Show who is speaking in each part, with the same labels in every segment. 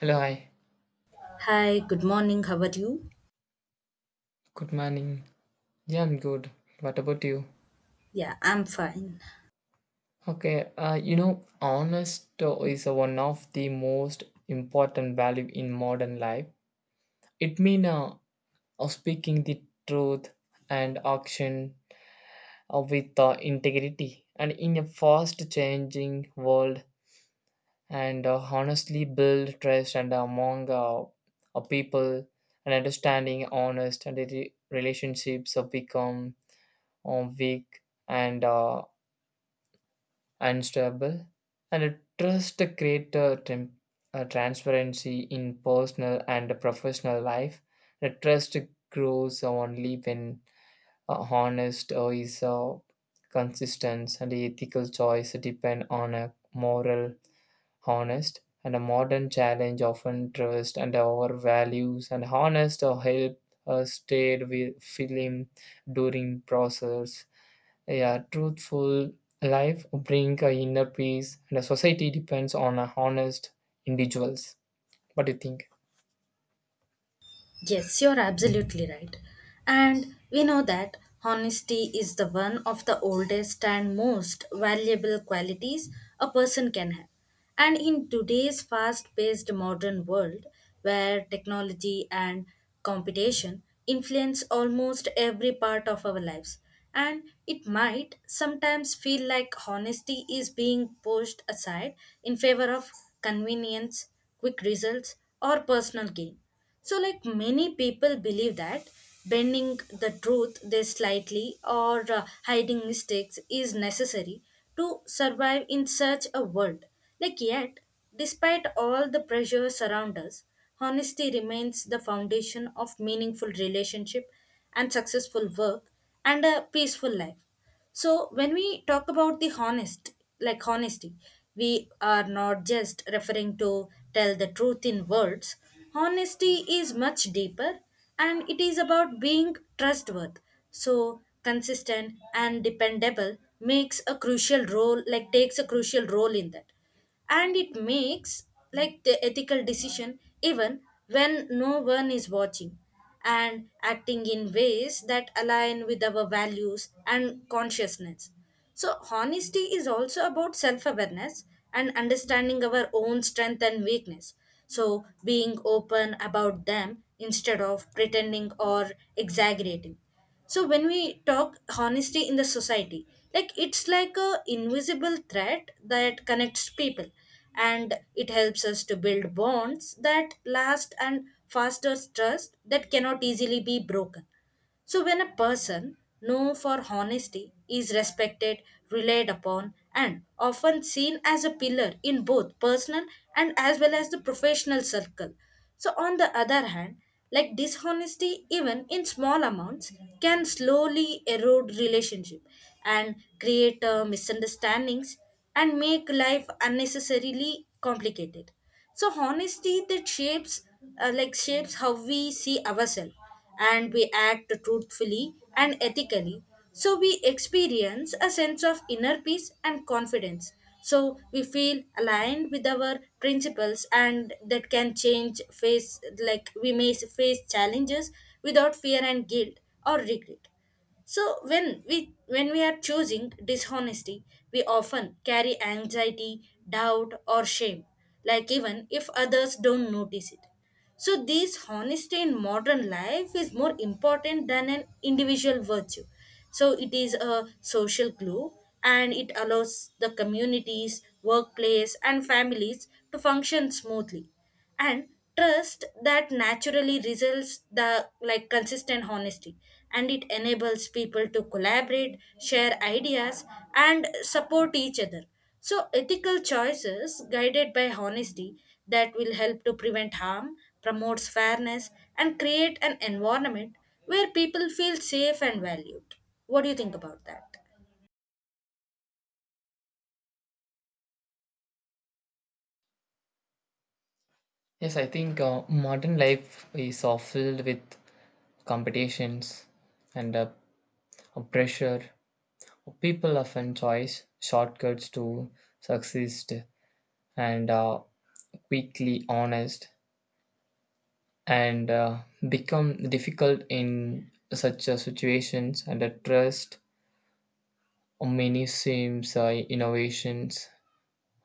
Speaker 1: Hello, hi.
Speaker 2: Hi, good morning. How are you?
Speaker 1: Good morning. Yeah, I'm good. What about you?
Speaker 2: Yeah, I'm fine.
Speaker 1: Okay, honest is one of the most important value in modern life. It means of speaking the truth and action with integrity. And in a fast changing world, and honestly build trust and among people and understanding honest and the relationships have become weak and unstable, and a trust create a transparency in personal and professional life. The trust grows only when honest or is consistent and ethical choice depend on a moral honest, and a modern challenge often trust and our values and honest or help stayed with film during process. A truthful life bring a inner peace, and a society depends on a honest individuals. What do you think?
Speaker 2: Yes, you're absolutely right. And we know that honesty is the one of the oldest and most valuable qualities a person can have. And in today's fast paced modern world, where technology and competition influence almost every part of our lives, and it might sometimes feel like honesty is being pushed aside in favor of convenience, quick results, or personal gain. So, like, many people believe that bending the truth this slightly or hiding mistakes is necessary to survive in such a world. Like, yet, despite all the pressure around us, honesty remains the foundation of meaningful relationship and successful work and a peaceful life. So when we talk about the honest, like honesty, we are not just referring to tell the truth in words. Honesty is much deeper, and it is about being trustworthy. So consistent and dependable makes a crucial role, like takes a crucial role in that, and it makes like the ethical decision even when no one is watching and acting in ways that align with our values and consciousness. So honesty is also about self awareness and understanding our own strength and weakness, so being open about them instead of pretending or exaggerating. So when we talk honesty in the society, like it's like a invisible thread that connects people, and it helps us to build bonds that last and fosters trust that cannot easily be broken. So, when a person known for honesty is respected, relied upon, and often seen as a pillar in both personal and as well as the professional circle. So, on the other hand, like dishonesty, even in small amounts, can slowly erode relationship and create misunderstandings and make life unnecessarily complicated. So honesty that shapes shapes how we see ourselves and we act truthfully and ethically. So we experience a sense of inner peace and confidence. So we feel aligned with our principles, and that can change face, like we may face challenges without fear and guilt or regret. So when we are choosing dishonesty, we often carry anxiety, doubt or shame, like even if others don't notice it. So, this honesty in modern life is more important than an individual virtue. So, it is a social glue, and it allows the communities, workplace, and families to function smoothly. And trust that naturally results the like consistent honesty, and it enables people to collaborate share ideas and support each other. So, ethical choices guided by honesty that will help to prevent harm, promotes fairness, and create an environment where people feel safe and valued. What do you think about that?
Speaker 1: Yes, I think modern life is filled with competitions and pressure. People often choose shortcuts to succeed and quickly honest and become difficult in such situations and trust many seems innovations.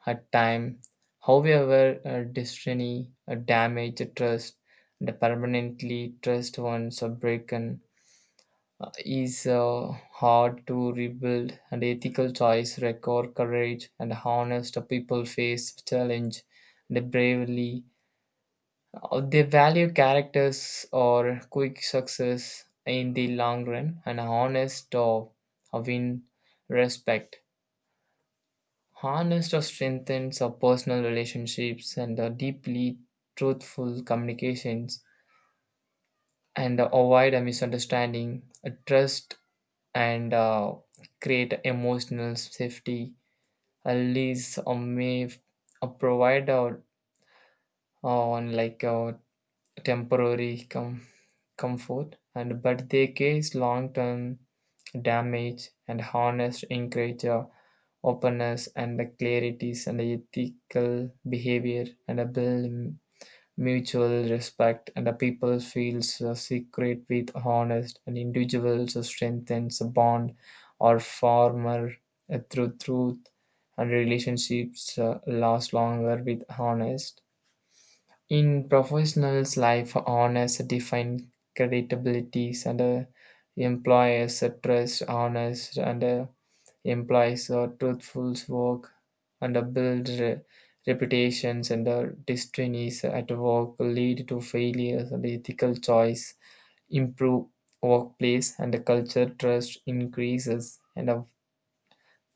Speaker 1: At time, however, destiny damage trust and permanently trust once are broken is hard to rebuild. And ethical choice record courage and honest people face challenge. They bravely. They value characters or quick success in the long run, and honest or win respect. Honest or strengthens our personal relationships and the deeply truthful communications, and avoid a misunderstanding, a trust, and create emotional safety. At least or may provide out on like temporary comfort, and but they cause long-term damage. And honest encourage openness and the clarities and the ethical behavior and a build mutual respect, and the people feels secret with honest. And individuals strengthens a bond or former through truth, and relationships last longer with honest. In professionals life honest define credibility, and employers trust honest, and implies a truthful work, and a build reputations, and a destinies at work lead to failures. And ethical choice improve workplace and the culture trust increases, and of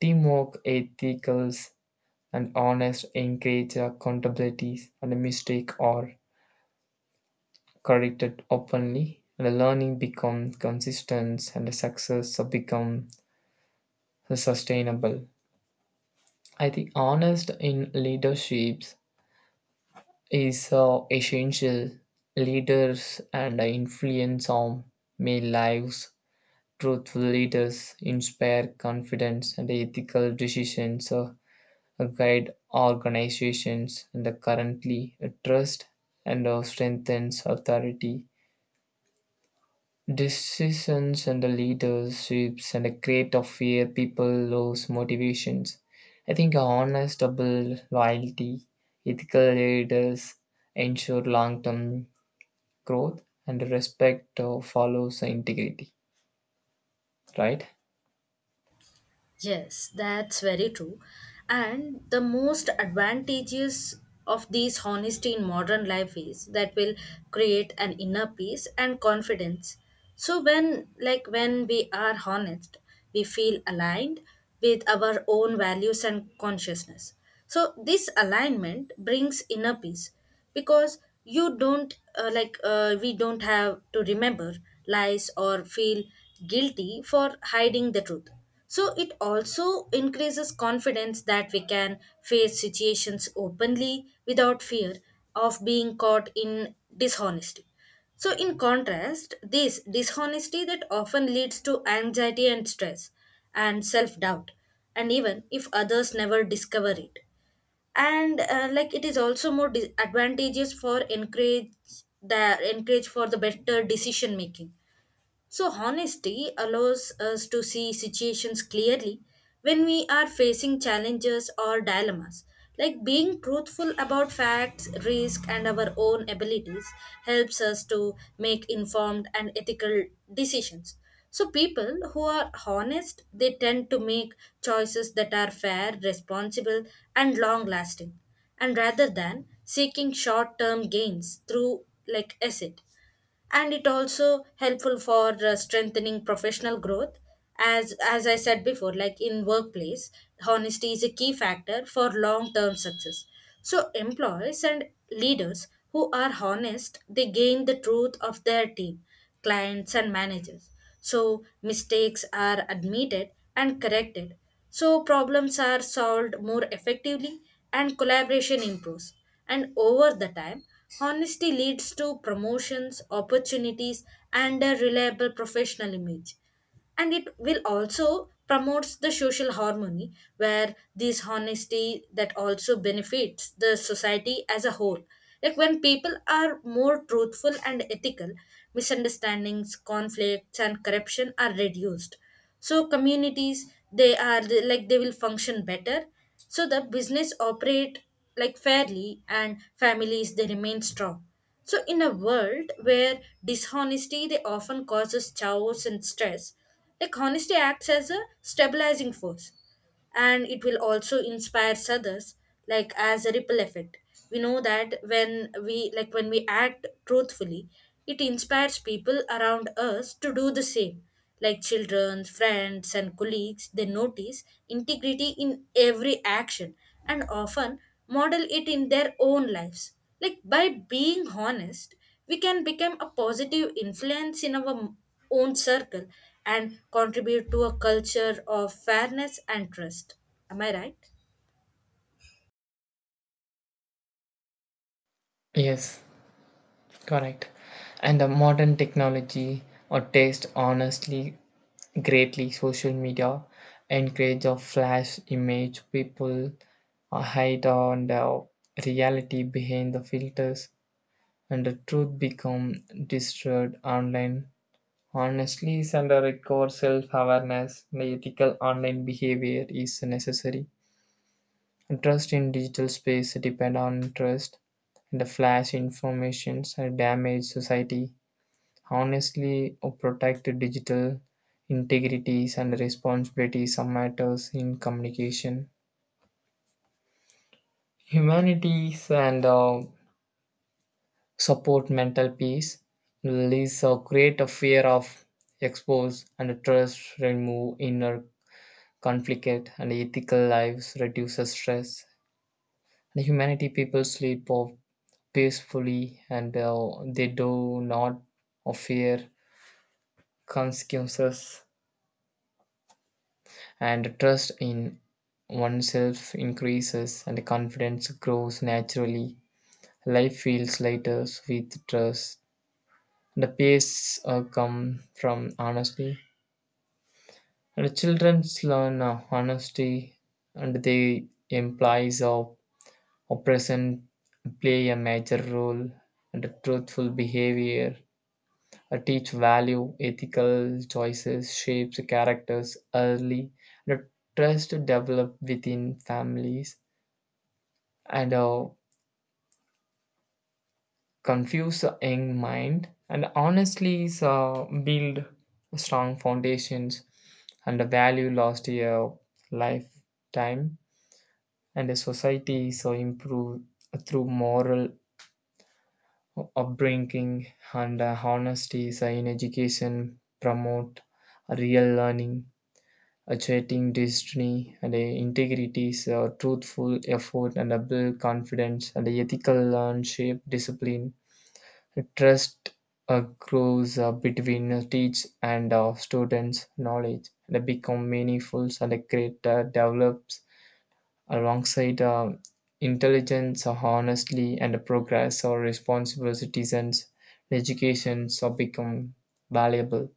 Speaker 1: teamwork ethicals. And honest encourage accountabilities, and a mistake are corrected openly, and the learning becomes consistent and the success become sustainable. I think honest in leaderships is essential. Leaders and influence on my lives. Truthful leaders inspire confidence and ethical decisions, guide organizations, and currently trust and strengthens authority. Decisions and the leaderships and the create of fear people lose motivations. I think honest, double loyalty, ethical leaders ensure long-term growth and respect follows integrity, right?
Speaker 2: Yes, that's very true. And the most advantageous of these honesty in modern life is that will create an inner peace and confidence. So when we are honest, we feel aligned with our own values and consciousness. So this alignment brings inner peace because you don't like we don't have to remember lies or feel guilty for hiding the truth. So it also increases confidence that we can face situations openly without fear of being caught in dishonesty. So, in contrast, this dishonesty that often leads to anxiety and stress and self doubt, and even if others never discover it. And like it is also more dis- advantageous for encourage the encourage for the better decision making. So, honesty allows us to see situations clearly when we are facing challenges or dilemmas. Like being truthful about facts, risk, and our own abilities helps us to make informed and ethical decisions. So, people who are honest, they tend to make choices that are fair, responsible, and long lasting, and rather than seeking short term gains through like asset. And it also helpful for strengthening professional growth as I said before, like in workplace honesty is a key factor for long term success. So employees and leaders who are honest they gain the truth of their team, clients, and managers. So mistakes are admitted and corrected. So problems are solved more effectively and collaboration improves. And over the time, honesty leads to promotions, opportunities, and a reliable professional image, and it will also promotes the social harmony, where this honesty that also benefits the society as a whole. Like when people are more truthful and ethical, misunderstandings conflicts and corruption are reduced. So communities they are like they will function better. So the business operate like fairly, and families they remain strong. So in a world where dishonesty they often causes chaos and stress, like honesty acts as a stabilizing force, and it will also inspire others like as a ripple effect. We know that when we act truthfully, it inspires people around us to do the same. Like children, friends and colleagues, they notice integrity in every action, and often model it in their own lives. Like by being honest, we can become a positive influence in our own circle and contribute to a culture of fairness and trust. Am I right?
Speaker 1: Yes, correct. And the modern technology or taste honestly greatly social media encourage a flash image people hide on the reality behind the filters, and the truth become destroyed online. Honestly is under a core self-awareness, and ethical online behavior is necessary. Trust in digital space depend on trust, and the flash informations and damage society. Honestly, or protect the digital integrities, and responsibilities are matters in communication. Humanities and support mental peace. Release or create a fear of expose, and trust remove inner conflict, and ethical lives reduces stress. And humanity people sleep of peacefully, and they do not fear consequences, and trust in oneself increases, and confidence grows naturally. Life feels lighter with trust. The pace come from honesty, and the children learn honesty, and they implies of oppression play a major role. And the truthful behavior teach value, ethical choices, shapes characters early. The trust develop within families, and confuse a young mind, and honestly build strong foundations, and the value lost a lifetime, and the society so improve through moral upbringing. And honesty so in education promote real learning achieving destiny, and integrities, truthful effort and a build confidence, and a ethical leadership discipline trust grows between teach and students knowledge and become meaningful, and great develops alongside intelligence honestly, and progress or responsible citizens educations become valuable.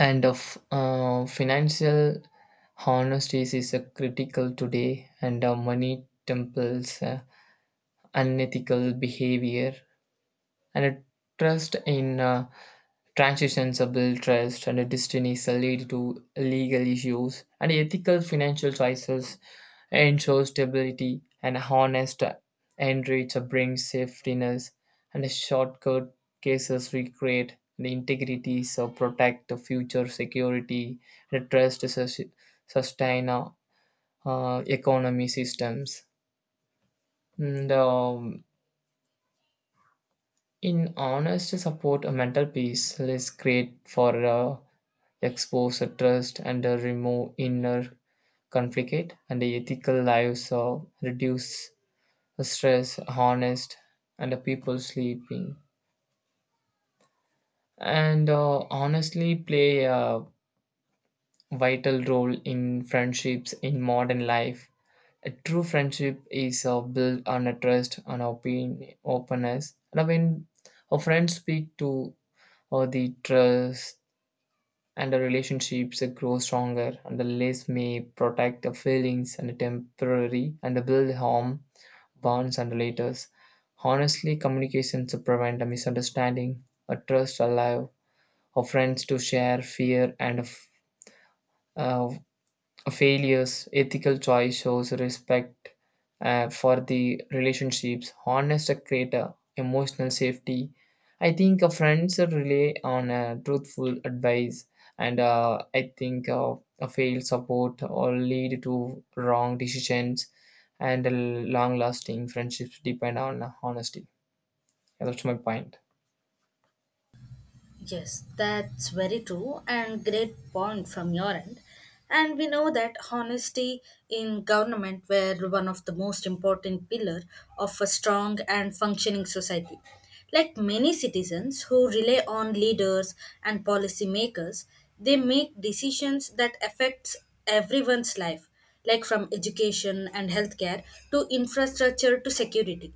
Speaker 1: And of financial honesty is a critical today, and money temples unethical behavior and a trust in transitions a build trust, and destinies lead to legal issues, and ethical financial choices ensure stability, and honest enrich brings safetiness, and shortcut cases recreate the integrity so protect the future security, and trust sustain economy systems. And, in honest support, a mental peace is great for. Expose trust, and remove inner conflict, and ethical lives of reduce stress honest, and the people sleeping, and honestly play a vital role in friendships in modern life. A true friendship is built on a trust on opinion openness. And when our friends speak to or the trust and the relationships grow stronger, and the less may protect the feelings and the temporary and the build home bonds and relators. Honestly communications to prevent a misunderstanding, a trust alive or friends to share fear and of, uh, failures, ethical choice shows respect for the relationships. Honest create a emotional safety. I think a friends rely on truthful advice, and I think a failed support or lead to wrong decisions, and long lasting friendships depend on honesty. Yeah, that's my point.
Speaker 2: Yes, that's very true and great point from your end. And we know that honesty in government were one of the most important pillar of a strong and functioning society. Like many citizens who rely on leaders and policy makers, they make decisions that affects everyone's life, like from education and healthcare to infrastructure to security.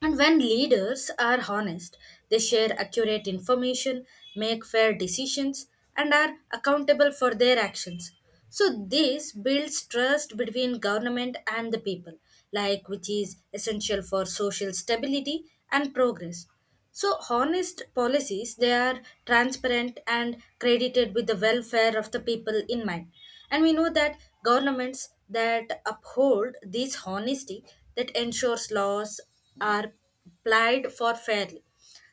Speaker 2: And when leaders are honest, they share accurate information, make fair decisions, and are accountable for their actions. So, this builds trust between government and the people, like which is essential for social stability and progress. So honest policies they are transparent and credited with the welfare of the people in mind. And we know that governments that uphold this honesty that ensures laws are applied for fairly.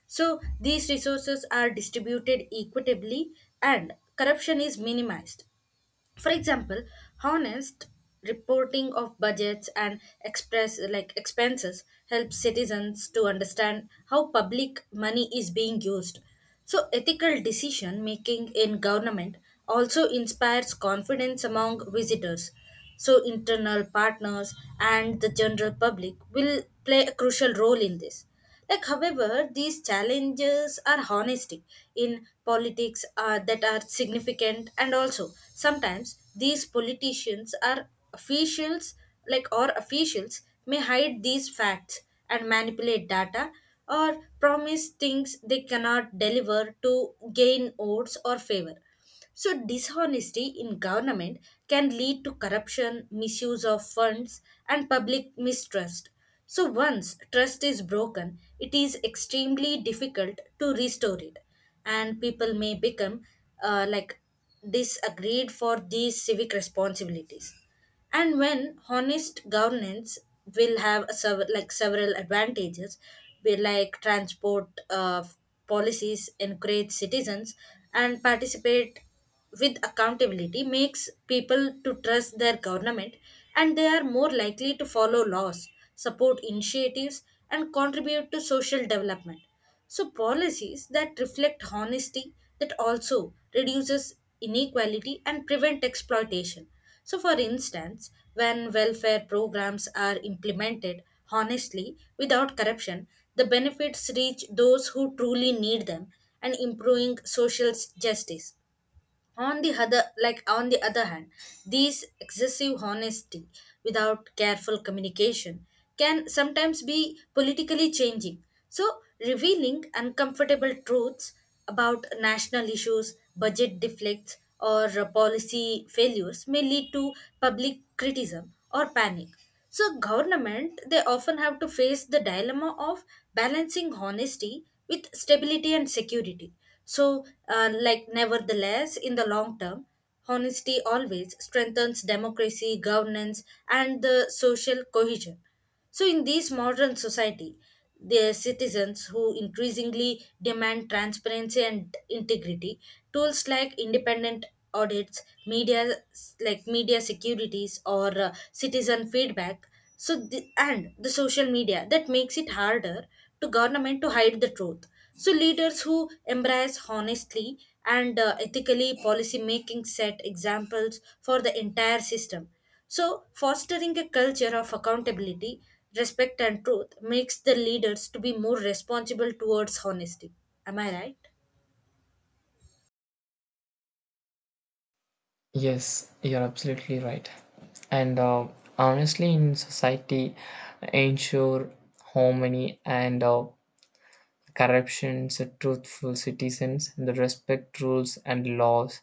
Speaker 2: So these resources are distributed equitably and corruption is minimized. For example, honest reporting of budgets and express like expenses helps citizens to understand how public money is being used. So ethical decision making in government also inspires confidence among visitors, so, internal partners and the general public will play a crucial role in this. Like, however, these challenges are honesty in politics that are significant, and also sometimes these politicians are officials, like or officials, may hide these facts and manipulate data or promise things they cannot deliver to gain votes or favor. So, dishonesty in government can lead to corruption, misuse of funds, and public mistrust. So, once trust is broken, it is extremely difficult to restore it, and people may become uh, like disagreed for these civic responsibilities. And when honest governance will have a sev- like several advantages, be like transport uh, policies encourage citizens and participate with accountability makes people to trust their government, and they are more likely to follow laws, support initiatives, and contribute to social development. So policies that reflect honesty that also reduces inequality and prevent exploitation. So for instance, when welfare programs are implemented honestly without corruption, the benefits reach those who truly need them and improving social justice. On the other, like on the other hand, these excessive honesty without careful communication can sometimes be politically changing. So, revealing uncomfortable truths about national issues, budget deflects, or policy failures may lead to public criticism or panic. So government they often have to face the dilemma of balancing honesty with stability and security. So like nevertheless in the long term, honesty always strengthens democracy governance and the social cohesion. So, in these modern society, the citizens who increasingly demand transparency and integrity, tools like independent audits, media like media securities or citizen feedback, so the, and the social media that makes it harder to government to hide the truth. So leaders who embrace honestly and ethically policy making set examples for the entire system, so, fostering a culture of accountability, respect, and truth makes the leaders to be more responsible towards honesty. Am I right?
Speaker 1: Yes, you're absolutely right. And honestly, in society, ensure harmony and corruptions, truthful citizens, the respect rules and laws,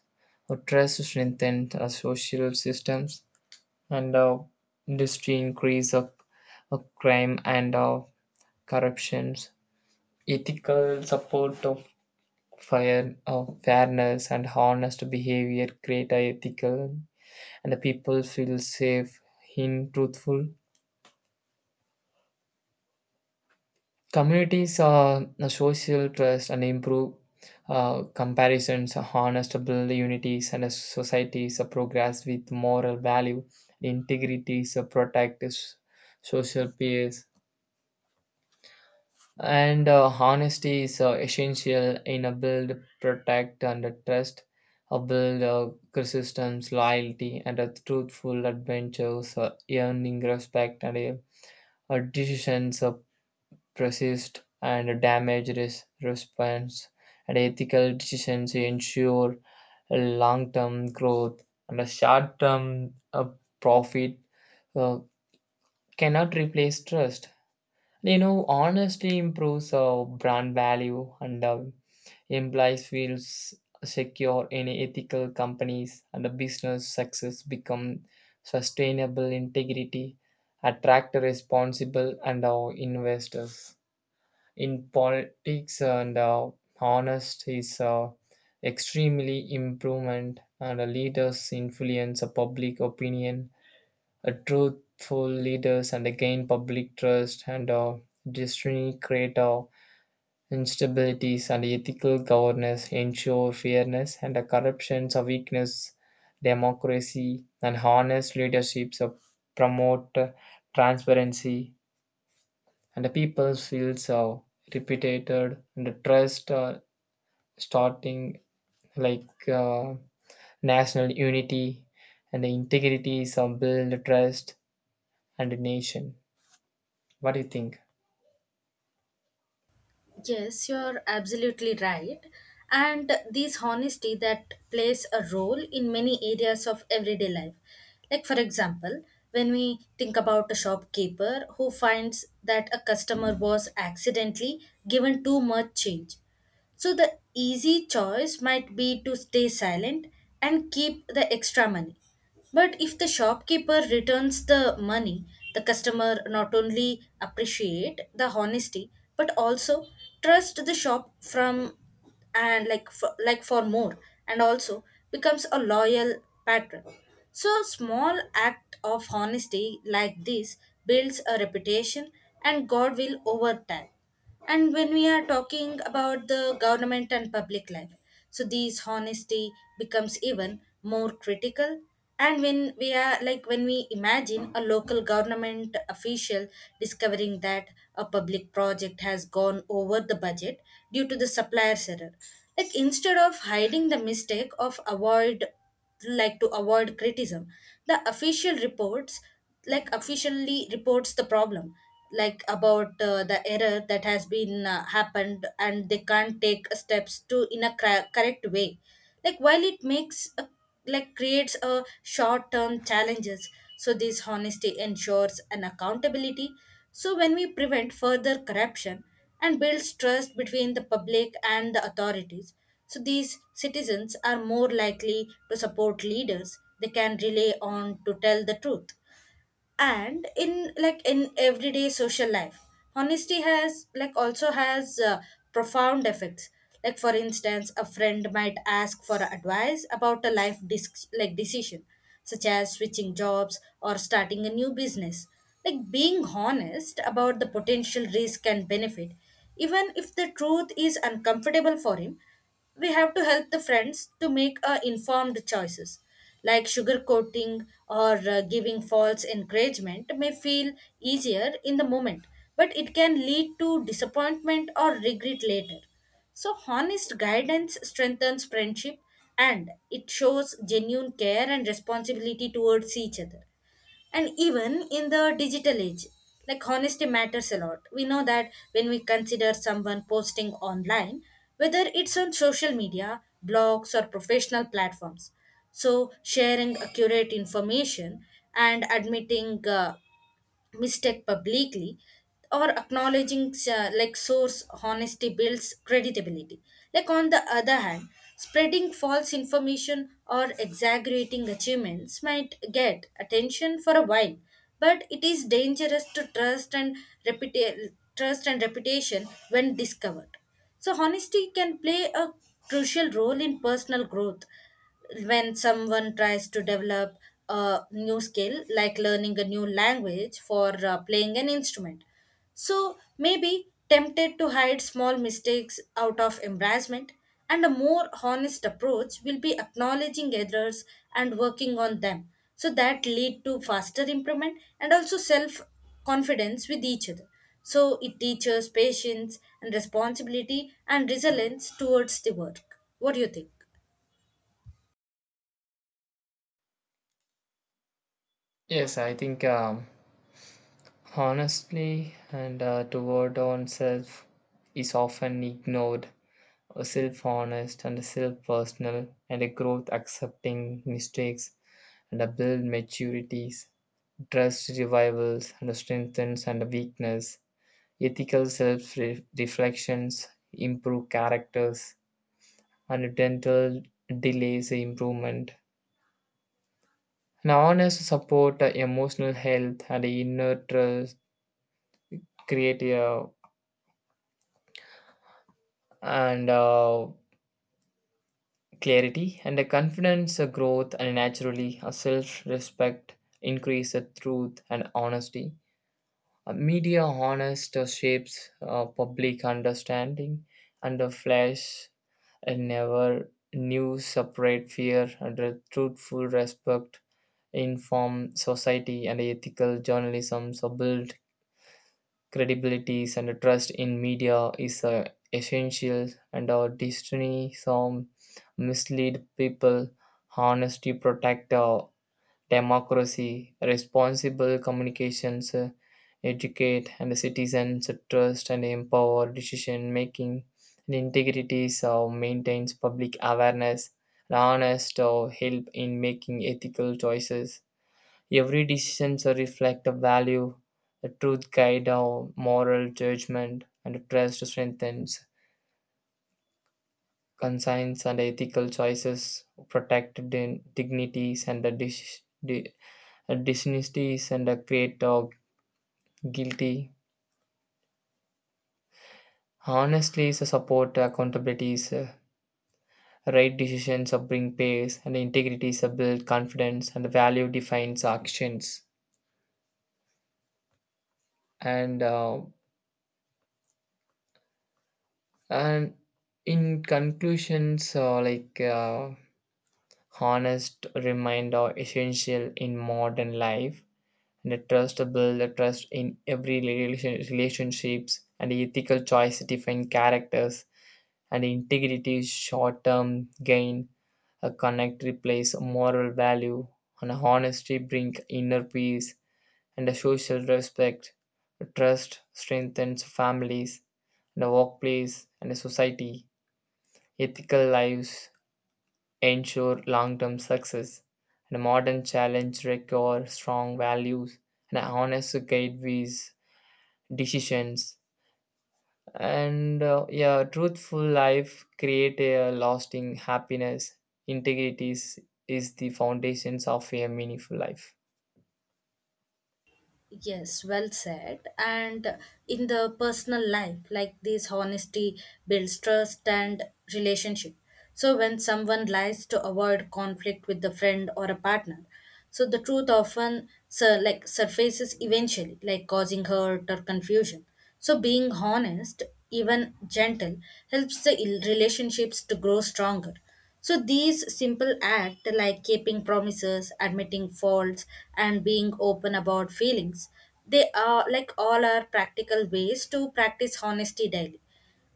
Speaker 1: trust strengthen social systems, and industry increase of crime and corruptions, ethical support of fire, of fairness, and honest behavior create a ethical, and the people feel safe in truthful communities are a social trust and improve comparisons harness to unities, and a societies a progress with moral value integrity is a protect social peers. And honesty is essential in a build protect and a trust a build persistence loyalty and a truthful adventures earning respect, and a decisions resist, and damage response, and ethical decisions ensure a long-term growth, and a short-term profit uh, cannot replace trust. You know, honesty improves brand value, and implies feels secure in ethical companies, and the business success become sustainable integrity attract responsible and our investors in politics. And honest is extremely improvement, and a leaders influence a public opinion, a truthful leaders and again public trust, and destiny create instabilities, and ethical governance ensure fairness and the corruptions of weakness democracy. And honest leaderships promote transparency, and the people feel so repeated, and the trust starting like national unity, and the integrity is build trust and the nation. What do you think?
Speaker 2: Yes, you're absolutely right. And this honesty that plays a role in many areas of everyday life. Like, for example, when we think about a shopkeeper who finds that a customer was accidentally given too much change, so the easy choice might be to stay silent and keep the extra money. But if the shopkeeper returns the money, the customer not only appreciate the honesty but also trust the shop from and like for more, and also becomes a loyal patron. So small act of honesty like this builds a reputation and God will over time. And when we are talking about the government and public life, so these honesty becomes even more critical. And when we are like, when we imagine a local government official discovering that a public project has gone over the budget due to the supplier's error, like instead of hiding the mistake of avoid to avoid criticism, the official reports, like officially reports the problem, like about the error that has been happened and they can't take steps to in a correct way, like while it makes a, like creates a short term challenges, so this honesty ensures an accountability, so when we prevent further corruption and builds trust between the public and the authorities, so these citizens are more likely to support leaders they can rely on to tell the truth. And in like in everyday social life, honesty has like also has profound effects. Like for instance, a friend might ask for advice about a life like decision, such as switching jobs or starting a new business. Like being honest about the potential risk and benefit, even if the truth is uncomfortable for him, we have to help the friends to make informed choices, like sugarcoating or giving false encouragement may feel easier in the moment, but it can lead to disappointment or regret later, so honest guidance strengthens friendship and it shows genuine care and responsibility towards each other. And even in the digital age, like honesty matters a lot, we know that when we consider someone posting online, whether it's on social media blogs or professional platforms, so sharing accurate information and admitting mistake publicly or acknowledging like source, honesty builds credibility. Like on the other hand, spreading false information or exaggerating achievements might get attention for a while, but it is dangerous to trust and trust and reputation when discovered. So, honesty can play a crucial role in personal growth. When someone tries to develop a new skill, like learning a new language for playing an instrument, so maybe tempted to hide small mistakes out of embarrassment, and a more honest approach will be acknowledging errors and working on them. So that lead to faster improvement and also self confidence with each other. So it teaches patience and responsibility and resilience towards the work. What do you think?
Speaker 1: Yes, I think honestly and toward oneself is often ignored self honest and self personal, and a growth accepting mistakes, and a build maturities. Trust revivals and strengthens and weakness. Ethical self-reflections improve characters, and dental delays improvement. And honest support, emotional health, and inner trust create a, and clarity and a confidence, a growth, and naturally a self-respect increase, a truth and honesty. Media honors the shapes public understanding, and the flesh and never knew separate fear, and a truthful respect inform society, and ethical journalism so build credibilities, and a trust in media is essential. And our destiny some mislead people. Honesty protect democracy, responsible communications, educate and citizens trust and empower decision making, and integrity so maintains public awareness, and honest or help in making ethical choices. Every decision so reflect a value, the truth guide our moral judgment, and trust strengthens. Conscience and ethical choices protect dignities, and the a dishonesty is and a create dog guilty. Honestly is a support accountability is a right decisions of bring pace, and integrity is a build confidence, and value defines actions, and uh, and in conclusions like honest reminder essential in modern life, and a trust to build a trust in every relationships, and ethical choice define characters, and integrity short-term gain a connect replace moral value, and honesty bring inner peace and a social respect. Trust strengthens families, the workplace, and the society. Ethical lives ensure long-term success, and modern challenge require strong values, and honest guide with decisions. And yeah truthful life create a lasting happiness. Integrity is the foundations of a meaningful life.
Speaker 2: Yes, well said. And in the personal life, like this, honesty builds trust and relationship. So when someone lies to avoid conflict with the friend or a partner, so the truth often like surfaces eventually, like causing hurt or confusion. So being honest, even gentle, helps the relationships to grow stronger. So these simple acts like keeping promises, admitting faults, and being open about feelings, they are like all are practical ways to practice honesty daily.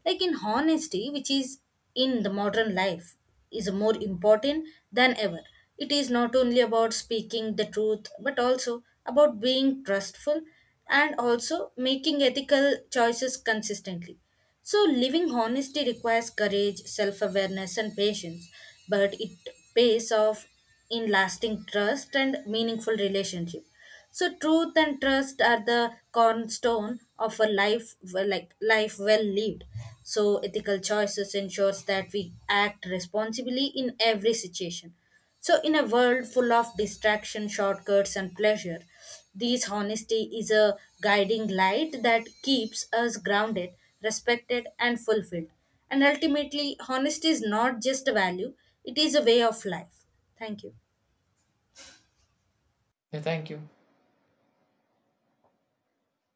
Speaker 2: Like in honesty, which is in the modern life, is more important than ever. It is not only about speaking the truth, but also about being trustful and also making ethical choices consistently. So, living honesty requires courage, self awareness, and patience, but it pays off in lasting trust and meaningful relationship. So, truth and trust are the cornerstone of a life, well, like life well lived. So, ethical choices ensures that we act responsibly in every situation. So, in a world full of distraction, shortcuts, and pleasure, this honesty is a guiding light that keeps us grounded, respected, and fulfilled. And ultimately, honesty is not just a value, it is a way of life. Thank you.
Speaker 1: Yeah, thank you.